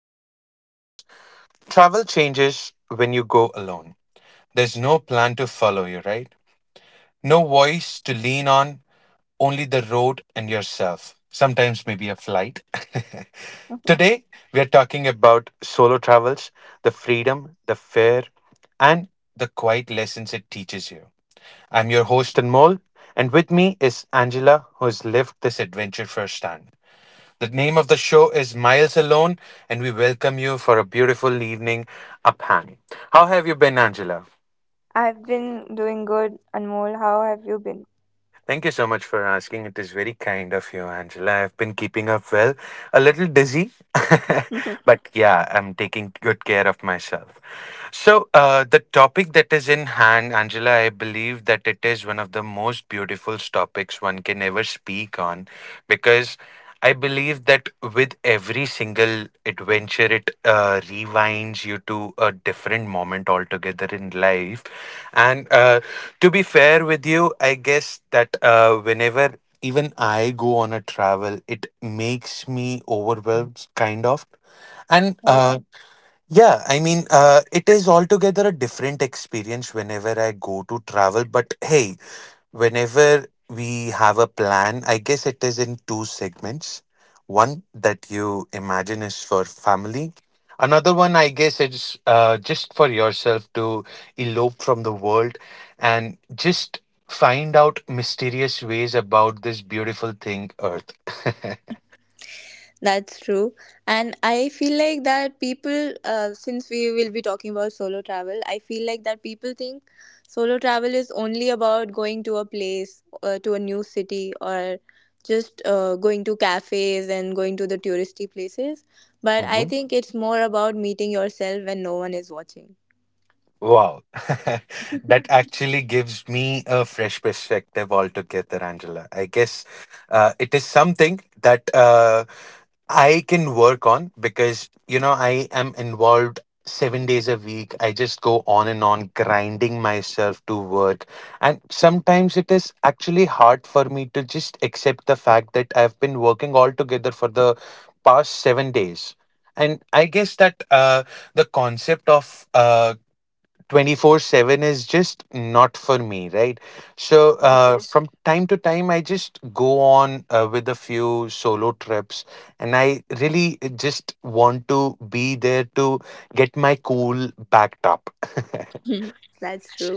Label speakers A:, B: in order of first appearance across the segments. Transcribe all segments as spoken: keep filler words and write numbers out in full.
A: and hearing us. Travel changes when you go alone. There's no plan to follow you, right? No voice to lean on, only the road and yourself. Sometimes maybe a flight. Today, we are talking about solo travels, the freedom, the fear, and the quiet lessons it teaches you. I'm your host, Anmol, and with me is Angela, who has lived this adventure firsthand. The name of the show is Miles Alone, and we welcome you for a beautiful evening up high. How have you been, Angela?
B: I've been doing good, Anmol. How have you been?
A: Thank you so much for asking. It is very kind of you, Angela. I've been keeping up well, a little dizzy, but yeah, I'm taking good care of myself. So, uh, the topic that is in hand, Angela, I believe that it is one of the most beautiful topics one can ever speak on because I believe that with every single adventure, it uh, rewinds you to a different moment altogether in life. And uh, To be fair with you, I guess that uh, whenever even I go on a travel, it makes me overwhelmed, kind of. And
B: Yes,
A: uh, Yeah, I mean, uh, it is altogether a different experience whenever I go to travel. But hey, whenever we have a plan, I guess it is in two segments. One that you imagine is for family. Another one, I guess, it's uh, just for yourself to elope from the world and just find out mysterious ways about this beautiful thing, Earth.
B: that's true. And I feel like that people, uh, since we will be talking about solo travel, I feel like that people think solo travel is only about going to a place, uh, to a new city, or just uh, going to cafes and going to the touristy places.
A: Uh
B: But I
A: huh.
B: think it's more about meeting yourself when no one is watching.
A: Wow. That actually gives me a fresh perspective altogether, Angela. I guess uh, it is something that uh, I can work on because, you know, I am involved seven days a week. I just go on and on, grinding myself to work. And sometimes it is actually hard for me to just accept the fact that I've been working altogether for the past seven days. And I guess that uh, the concept of uh, twenty four seven is just not for me, right? So, uh, from time to time, I just go on uh, with a few solo trips, and I really uh, just want to be there to get my cool backed up.
B: That's true.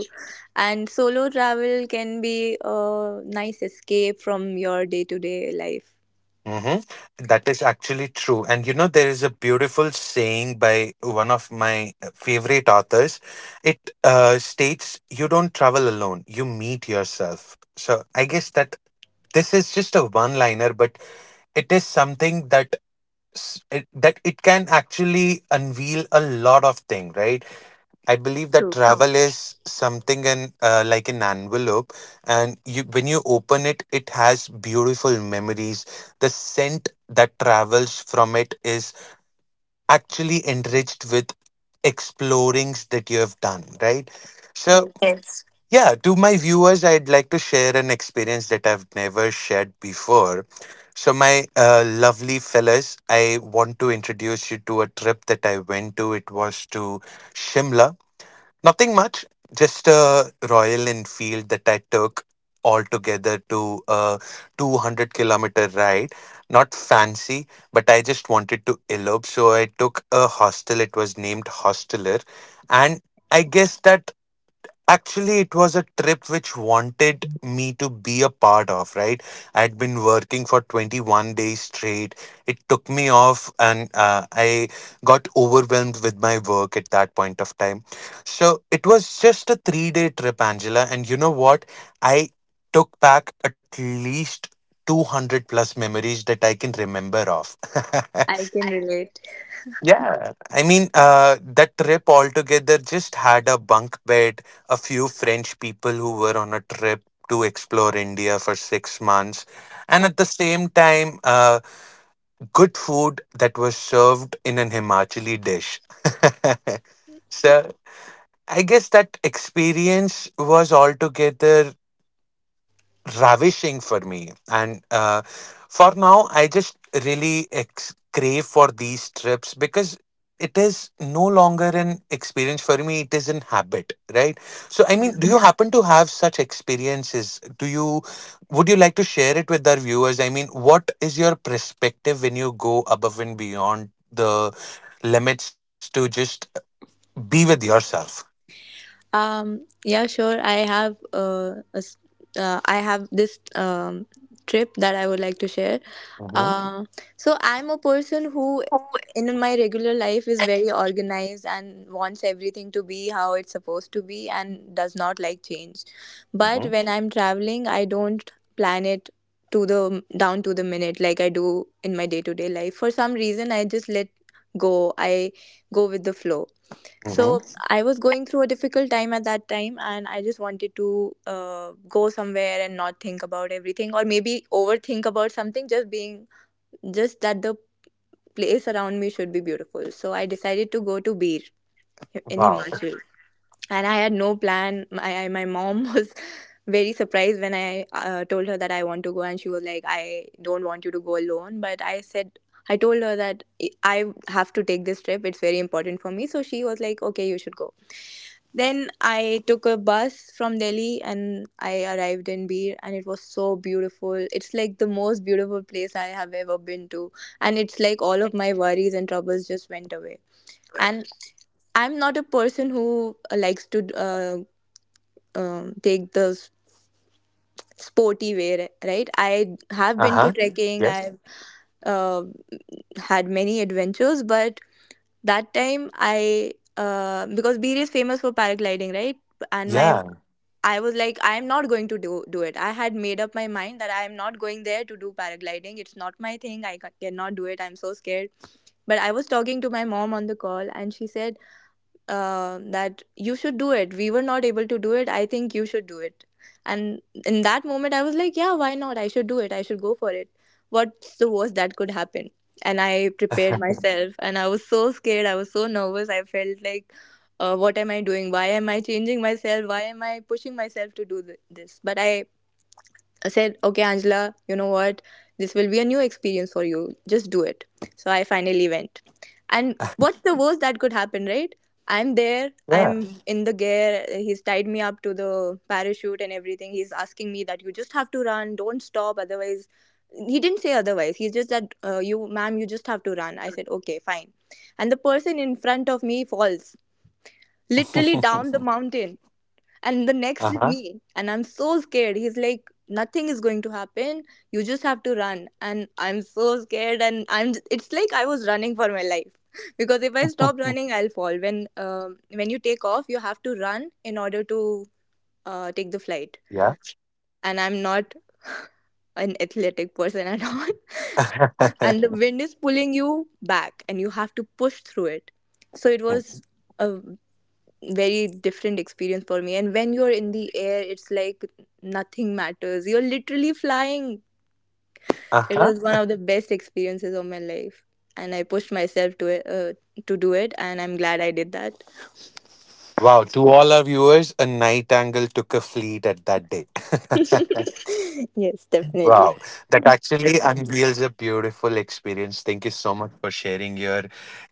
B: And solo travel can be a nice escape from your day to day life.
A: Mhm. That is actually true. And you know, there is a beautiful saying by one of my uh, favorite authors. It uh, states, "You don't travel alone, you meet yourself." So, I guess that this is just a one liner, but it is something that s- it, that it can actually unveil a lot of thing, right? I believe that
B: True.
A: travel is something and uh, like an envelope, and you, when you open it, it has beautiful memories. The scent that travels from it is actually enriched with explorings that you have done, right? So
B: Yes,
A: yeah, to my viewers, I'd like to share an experience that I've never shared before. So, my uh, lovely fellas, I want to introduce you to a trip that I went to. It was to Shimla. Nothing much, just a Royal Enfield that I took altogether to a two hundred kilometer ride. Not fancy, but I just wanted to elope. So, I took a hostel. It was named Hosteler. And I guess that Actually, it was a trip which wanted me to be a part of, right? I'd been working for twenty one days straight. It took me off, and uh, I got overwhelmed with my work at that point of time. So it was just a three day trip, Angela. And you know what? I took back at least two hundred plus memories that I can remember of.
B: I can relate.
A: Yeah, I mean, uh, that trip altogether just had a bunk bed, a few French people who were on a trip to explore India for six months, and
B: Uh,
A: at the same time, uh, good food that was served in an Himachali dish. So I guess that experience was altogether ravishing for me, and uh, for now I just really ex- crave for these trips because it is no longer an experience for me, it is an habit, right? So I mean,
B: yeah.
A: do you happen to have such experiences? Do you would you like to share it with our viewers? I mean, what is your perspective when you go above and beyond the limits to just be with yourself?
B: Um. Yeah, sure. I have uh, a s- uh, I have this um trip that I would like to share.
A: mm-hmm,
B: Uh, so I'm a person who, in my regular life, is very organized and wants everything to be how it's supposed to be and does not like change. But
A: mm-hmm,
B: when I'm traveling, I don't plan it to the down to the minute like I do in my day to day life. For some reason, I just let go. I go with the flow.
A: mm-hmm.
B: So I was going through a difficult time at that time, and I just wanted to uh, go somewhere and not think about everything, or maybe overthink about something, just being just that the place around me should be beautiful. So I decided to go to Bir in
A: Wow.
B: Himachal. And I had no plan. My, I- my mom was very surprised when I uh, told her that I want to go, and she was like, I don't want you to go alone. But I said, I told her that I have to take this trip. It's very important for me. So she was like, okay, you should go. Then I took a bus from Delhi and I arrived in Bir and it was so beautiful. It's like the most beautiful place I have ever been to. And it's like all of my worries and troubles just went away. And I'm not a person who uh, likes to uh, um, take the s- sporty way, ri- right? I have been
A: Uh-huh.
B: to Mhm. trekking,
A: Yes.
B: I've uh, had many adventures, but that time I uh, because Bir is famous for paragliding, right? And my
A: Yeah.
B: I was like, I am not going to do, do it. I had made up my mind that I am not going there to do paragliding. It's not my thing. I ca- cannot do it. I'm so scared. But I was talking to my mom on the call, and she said, uh, that you should do it. We were not able to do it. I think you should do it. And in that moment, I was like, yeah, why not? I should do it. I should go for it. What's the worst that could happen? And I prepared myself and I was so scared. I was so nervous. I felt like, uh, what am I doing? Why am I changing myself? Why am I pushing myself to do th- this? But I said, okay, Angela, you know what? This will be a new experience for you. Just do it. So I finally went. And what's the worst that could happen, right? I'm there,
A: Yeah.
B: I'm in the gear. He's tied me up to the parachute and everything. He's asking me that you just have to run, don't stop, otherwise. He didn't say otherwise. He's just that, uh, you, ma'am, you just have to run. I said, okay, fine. And the person in front of me falls literally down the mountain. And the next is
A: Uh-huh.
B: me. And I'm so scared. He's like, nothing is going to happen. You just have to run. And I'm so scared. And I'm, it's like I was running for my life. Because if I stop running, I'll fall. When, um, when you take off, you have to run in order to uh, take the flight.
A: Yeah.
B: And I'm not an athletic person at all. And the wind is pulling you back and you have to push through it. So it was a very different experience for me. And when you're in the air, it's like nothing matters, you're literally flying. It
A: Uh-huh.
B: was one of the best experiences of my life, and I pushed myself to it uh, to do it, and I'm glad I did that.
A: Wow, to all our viewers, a night angle took a fleet at that day.
B: Yes,
A: Wow,
B: definitely.
A: that actually unveils a beautiful experience. Thank you so much for sharing your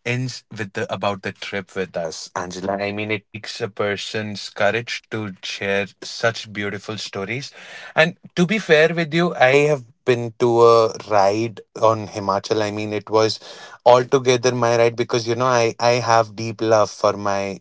A: ins with the about the trip with us, Angela. I mean, it takes a person's courage to share such beautiful stories. And to be fair with you, I have been to a ride on Himachal. I mean, it was altogether my ride because, you know, I I have deep love for my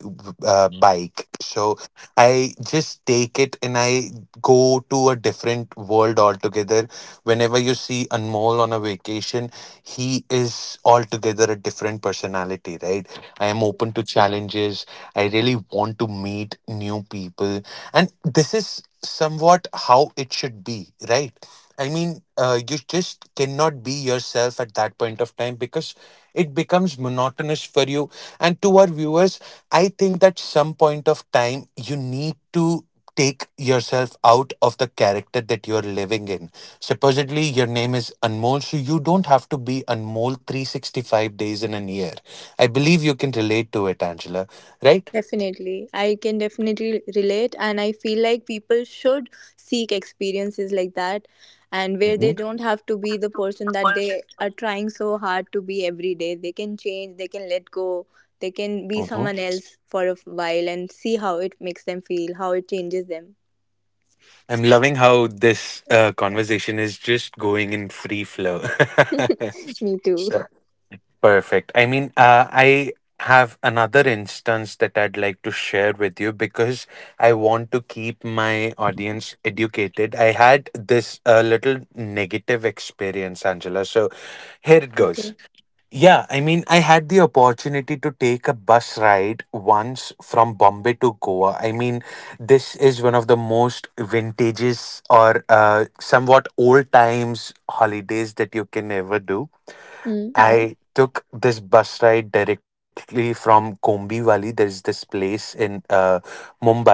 A: uh, bike, so I just take it and I go to a different world altogether. Whenever you see Anmol on a vacation, he is altogether a different personality, right? I am open to challenges. I really want to meet new people. And this is somewhat how it should be, right? I mean, uh, you just cannot be yourself at that point of time because it becomes monotonous for you. And to our viewers, I think that some point of time you need to take yourself out of the character that you're living in. Supposedly, your name is Anmol, so you don't have to be Anmol three sixty five days in a year. I believe you can relate to it, Angela, right?
B: Definitely. I can definitely relate, and I feel like people should seek experiences like that and where they
A: Hmm.
B: don't have to be the person that they are trying so hard to be every day. They can change, they can let go, they can be
A: Hmm.
B: someone else for a while and see how it makes them feel, how it changes them.
A: I'm loving how this uh, conversation is just going in free flow.
B: Me too.
A: Sure. Perfect. I mean, uh, I have another instance that I'd like to share with you because I want to keep my audience educated. I had this uh, little negative experience, Angela. So here it goes.
B: Okay.
A: Yeah, I mean, I had the opportunity to take a bus ride once from Bombay to Goa. I mean, this is one of the most vintages or uh, somewhat old times holidays that you can ever do.
B: Mm.
A: I took this bus ride directly from Kombi Valley. There's this place in uh, Mumbai,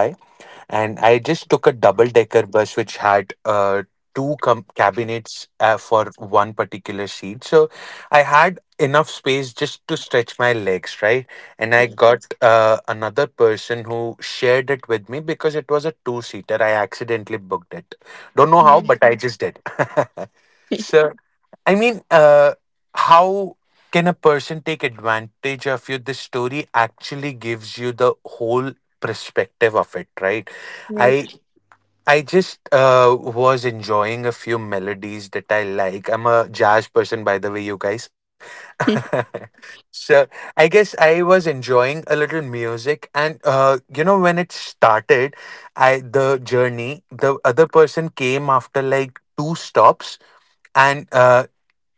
A: and I just took a double decker bus which had uh, two com- cabinets uh, for one particular seat. So I had enough space just to stretch my legs, right? And I
B: Yeah.
A: got uh, another person who shared it with me because it was a two seater. I accidentally booked it. Don't know how,
B: Mm.
A: but I just did. So I mean, uh, how can a person take advantage of you? This story actually gives you the whole perspective of it, right?
B: Right.
A: I I just uh, was enjoying a few melodies that I like. I'm a jazz person, by the way, you guys. So I guess I was enjoying a little music, and uh, you know, when it started, I the journey, the other person came after like two stops, and uh,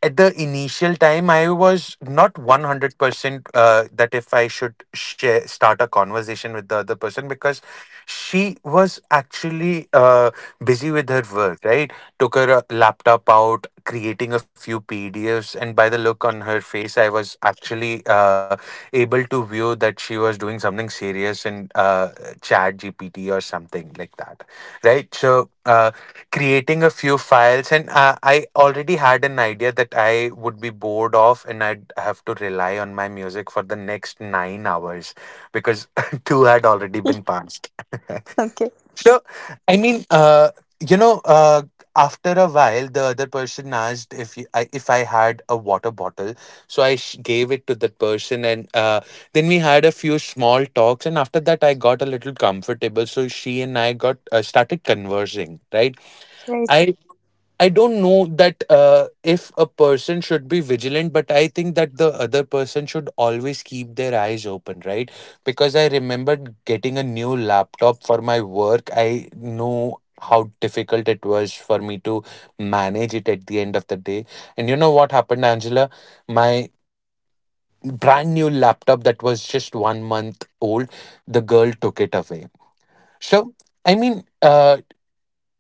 A: at the initial time I was not one hundred percent uh, that if I should share start a conversation with the other person because she was actually uh, busy with her work, right? Took her uh, laptop out, creating a few pdfs, and by the look on her face I was actually uh, able to view that she was doing something serious in uh, chat gpt or something like that, right? So uh, creating a few files, and uh, I already had an idea that I would be bored of and I'd have to rely on my music for the next nine hours because two had already been passed.
B: Okay.
A: So I mean, uh, you know, uh, after a while the other person asked if you, I, if I had a water bottle. So I sh- gave it to that person, and uh, then we had a few small talks, and after that I got a little comfortable, so she and I got uh, started conversing, right?
B: Right.
A: I I don't know that uh, if a person should be vigilant, but I think that the other person should always keep their eyes open, right? Because I remember getting a new laptop for my work. I know how difficult it was for me to manage it at the end of the day. And you know what happened, Angela? My brand new laptop that was just one month old, the girl took it away. So, I mean, uh,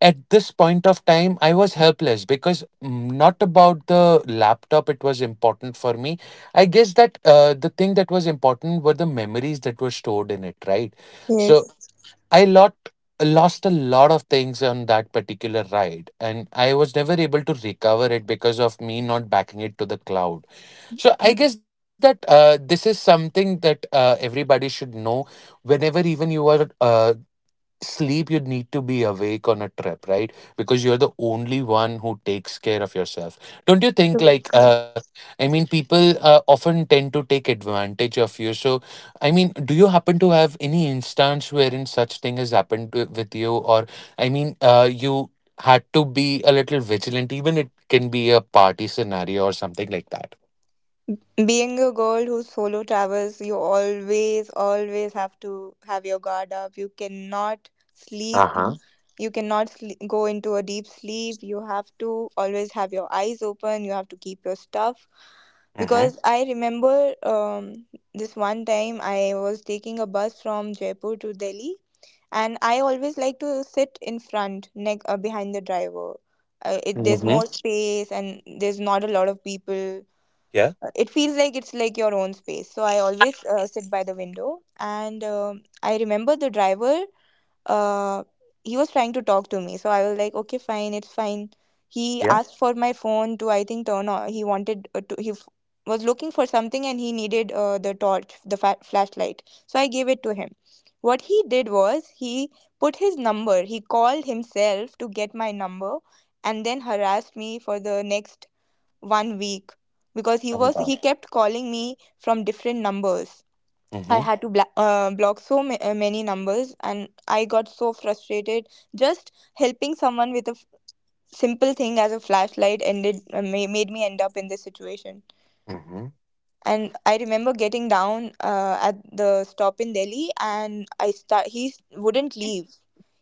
A: at this point of time, I was helpless because, mm, not about the laptop. It was important for me. I guess that uh, the thing that was important were the memories that were stored in it, right? So
B: Yes.
A: I lot lost a lot of things on that particular ride, and I was never able to recover it because of me not backing it to the cloud. So I guess that uh, this is something that uh, everybody should know. Whenever even you are uh, sleep, you need to be awake on a trip, right? Because you're the only one who takes care of yourself. Don't you think, like, uh, I mean, people uh, often tend to take advantage of you? So I mean, do you happen to have any instance wherein such thing has happened to, with you? Or I mean, uh, you had to be a little vigilant, even it can be a party scenario or something like that?
B: Being a girl who solo travels, you always, always have to have your guard up. You cannot sleep.
A: Uh-huh.
B: You cannot sle go into a deep sleep. You have to always have your eyes open. You have to keep your stuff.
A: Mm-hmm.
B: Because I remember um, this one time I was taking a bus from Jaipur to Delhi, and I always like to sit in front, neck uh, behind the driver. Uh, it, there's more
A: Mm-hmm.
B: space, and there's not a lot of people.
A: Yeah.
B: Uh, it feels like it's like your own space, so I always uh, sit by the window. And um, I remember the driver, uh, he was trying to talk to me, so I was like, okay fine, it's fine. He
A: Yeah.
B: asked for my phone to, I think, turn on. He wanted uh, to he f- was looking for something and he needed uh, the torch the fa- flashlight, so I gave it to him. What he did was he put his number, he called himself to get my number, and then harassed me for the next one week because he was
A: Oh
B: he
A: god.
B: kept calling me from different numbers. I had to
A: Mm-hmm.
B: bla- uh, block so ma- uh, many numbers, and I got so frustrated. Just helping someone with a f- simple thing as a flashlight ended uh, ma- made me end up in this situation.
A: Mm-hmm.
B: And I remember getting down uh, at the stop in Delhi, and I start. He s- wouldn't leave.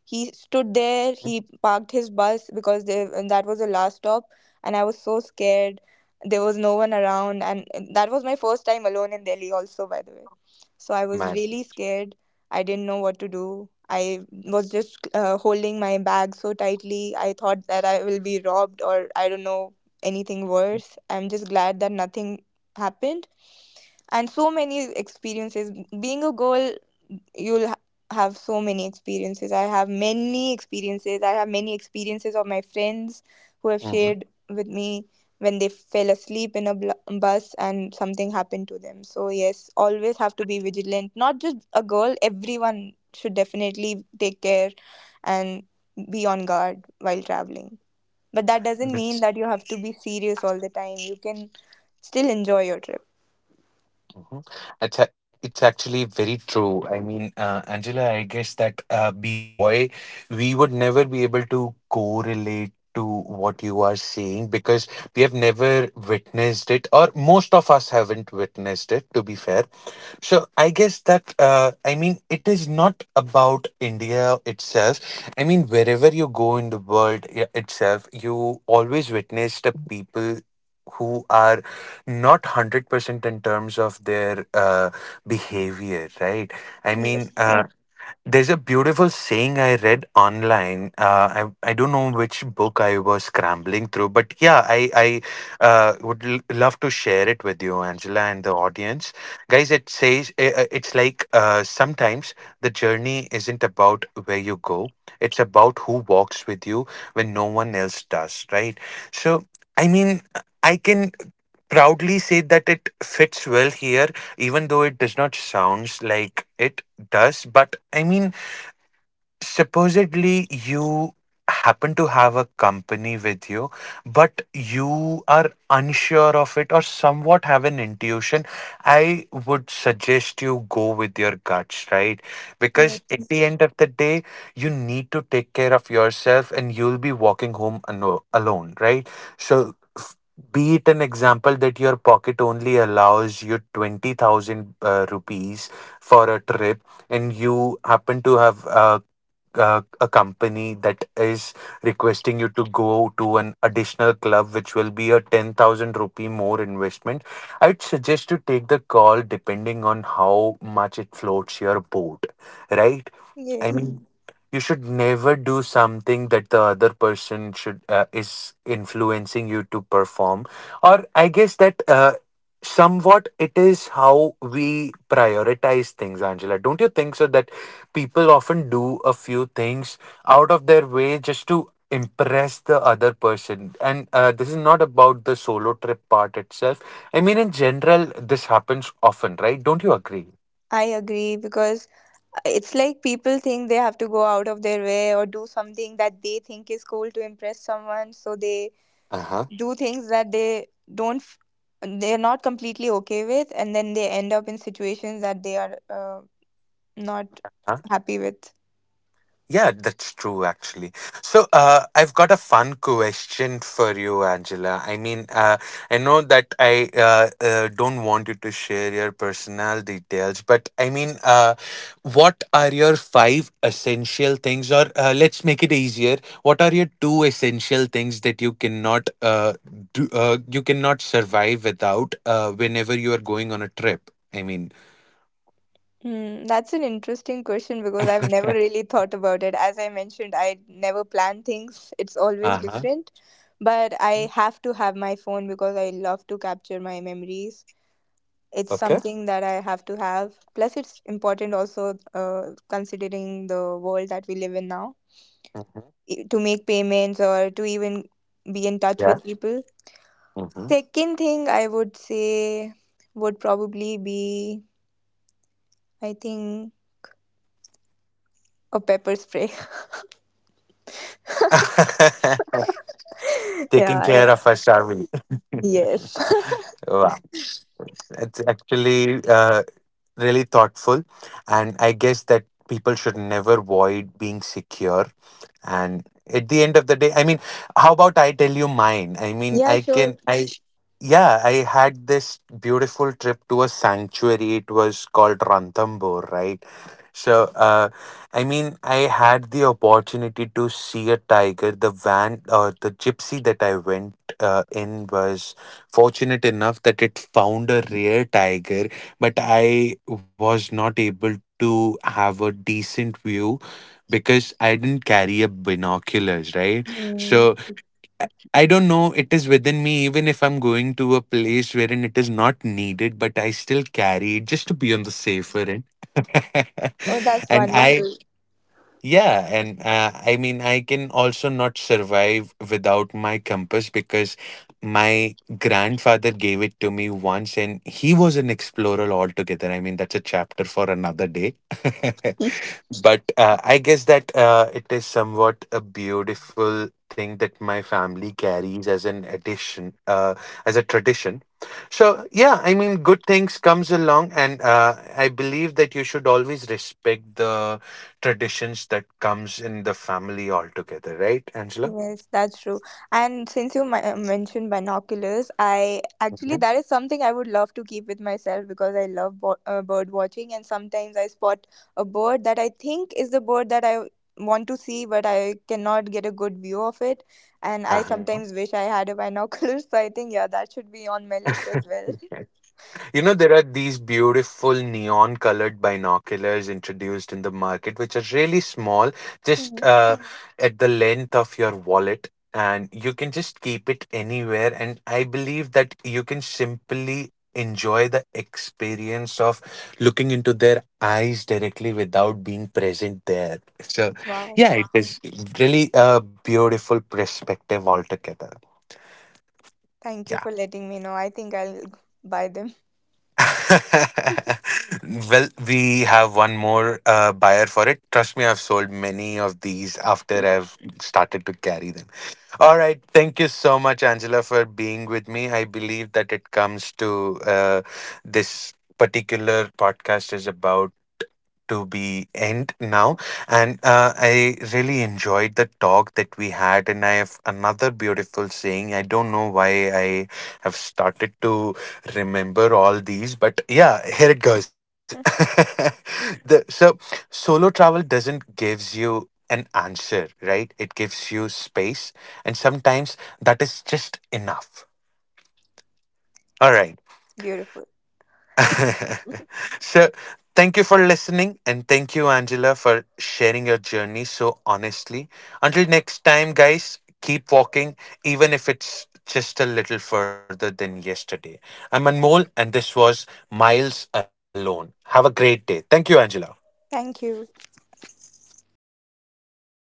B: He stood there. He parked his bus because they, and that was the last stop, and I was so scared. There was no one around, and that was my first time alone in Delhi, also, by the way. So I was really
A: Man.
B: scared. I didn't know what to do. I was just uh, holding my bag so tightly. I thought that I will be robbed, or I don't know, anything worse. I'm just glad that nothing happened. And so many experiences being a girl, you'll ha- have so many experiences. I have many experiences. i have many experiences of my friends who have shared
A: Mm-hmm.
B: with me when they fell asleep in a bl- bus and something happened to them. So yes, always have to be vigilant, not just a girl, everyone should definitely take care and be on guard while traveling. But that doesn't mean that you have to be serious all the time, you can still enjoy your trip.
A: Mhm. It's a- it's actually very true. I mean, uh, Angela, I guess that uh, being a boy, we would never be able to correlate to what you are saying, because we have never witnessed it, or most of us haven't witnessed it, to be fair. So I guess that uh, I mean, it is not about India itself. I mean, wherever you go in the world i- itself, you always witness the people who are not a hundred percent in terms of their uh, behavior, right? I mean,
B: Yes,
A: uh, there's a beautiful saying I read online. Uh, I, I don't know which book I was scrambling through, but yeah, i i uh, would l- love to share it with you, Angela, and the audience guys. It says, uh, uh, it's like, uh, sometimes the journey isn't about where you go, it's about who walks with you when no one else does, right? So I mean, I can proudly say that it fits well here, even though it does not sounds like it does. But I mean, supposedly you happen to have a company with you, but you are unsure of it or somewhat have an intuition, I would suggest you go with your guts, right?
B: yes,
A: Because at the end of the day, you need to take care of yourself, and you'll be walking home ano- alone, right? So, f- be it an example that your pocket only allows you twenty thousand uh, rupees for a trip, and you happen to have a uh, a company that is requesting you to go to an additional club, which will be a ten thousand rupee more investment, I'd suggest to take the call depending on how much it floats your boat, right? I
B: yes.
A: mean, you should never do something that the other person should uh, is influencing you to perform. Or I guess that uh, somewhat it is how we prioritize things, Angela. Don't you think so, that people often do a few things out of their way just to impress the other person? And uh, this is not about the solo trip part itself, I mean in general, this happens often, right? Don't you agree?
B: I agree, because uh, it's like people think they have to go out of their way or do something that they think is cool to impress someone. So they
A: Uh huh.
B: do things that they don't, f- they're not completely okay with, and then they end up in situations that they are uh, not happy with.
A: Yeah, that's true, actually. So, uh, I've got a fun question for you, Angela. I mean, uh, I know that I uh, uh, don't want you to share your personal details, but I mean, uh, what are your five essential things? Or uh, let's make it easier, what are your two essential things that you cannot uh, do, uh, you cannot survive without uh, whenever you are going on a trip? I mean,
B: Hmm, that's an interesting question because I've never
A: uh
B: really thought about it. As I mentioned, I never plan things, it's always
A: huh.
B: different. But I have to have my phone because I love to capture my memories. It's
A: Okay.
B: something that I have to have. Plus, it's important also, uh, considering the world that we live in now,
A: Hmm.
B: e- to make payments or to even be in touch with
A: Yeah.
B: people. Second thing I would say would probably be, I think, a pepper spray.
A: Taking care of us, are
B: Yeah,
A: we?
B: yeah, yes.
A: Wow. It's actually uh, really thoughtful. And I guess that people should never avoid being secure. And at the end of the day, I mean, how about I tell you mine? I mean,
B: Yeah,
A: I
B: sure.
A: can, I, yeah, I had this beautiful trip to a sanctuary. It was called Ranthambore, right? So, uh, I mean, I had the opportunity to see a tiger. The van or the gypsy that I went uh, in was fortunate enough that it found a rare tiger, but I was not able to have a decent view because I didn't carry a binoculars, right? So
B: Mm.
A: I don't know. It is within me, even if I'm going to a place wherein it is not needed, but I still carry it just to be on the safer end.
B: Oh, that's
A: And I,
B: wonderful.
A: yeah, and uh, I mean, I can also not survive without my compass, because my grandfather gave it to me once, and he was an explorer altogether. I mean, that's a chapter for another day. But uh, I guess that uh, it is somewhat a beautiful thing that my family carries as an addition, uh, as a tradition. So yeah, I mean, good things comes along, and uh, I believe that you should always respect the traditions that comes in the family altogether, right, Angela?
B: Yes, that's true. And since you mi- mentioned binoculars, I actually that is something I would love to keep with myself because I love bo- uh, bird watching, and sometimes I spot a bird that I think is the bird that I want to see, but I cannot get a good view of it, and I
A: Mm-hmm.
B: sometimes wish I had a binocular. So I think yeah, that should be on my list
A: Uh-huh.
B: as well.
A: You know, there are these beautiful neon colored binoculars introduced in the market, which are really small, just
B: Mhm.
A: uh, at the length of your wallet, and you can just keep it anywhere. And I believe that you can simply enjoy the experience of looking into their eyes directly without being present there. So,
B: Wow,
A: yeah, it is really a beautiful perspective altogether.
B: thank you
A: Yeah.
B: for letting me know. I think I'll buy them.
A: Well, we have one more uh, buyer for it. Trust me, I've sold many of these after I've started to carry them. All right. Thank you so much, Angela, for being with me. I believe that it comes to uh, this particular podcast is about to be end now, and uh, I really enjoyed the talk that we had. And I have another beautiful saying. I don't know why I have started to remember all these, but yeah, here it goes. the, so Solo travel doesn't gives you an answer, right? It gives you space. And sometimes that is just enough. All right.
B: Beautiful.
A: So thank you for listening, and thank you, Angela, for sharing your journey so honestly. Until next time, guys, keep walking, even if it's just a little further than yesterday. I'm Anmol, and this was Miles Alone. Have a great day. Thank you, Angela.
B: Thank you.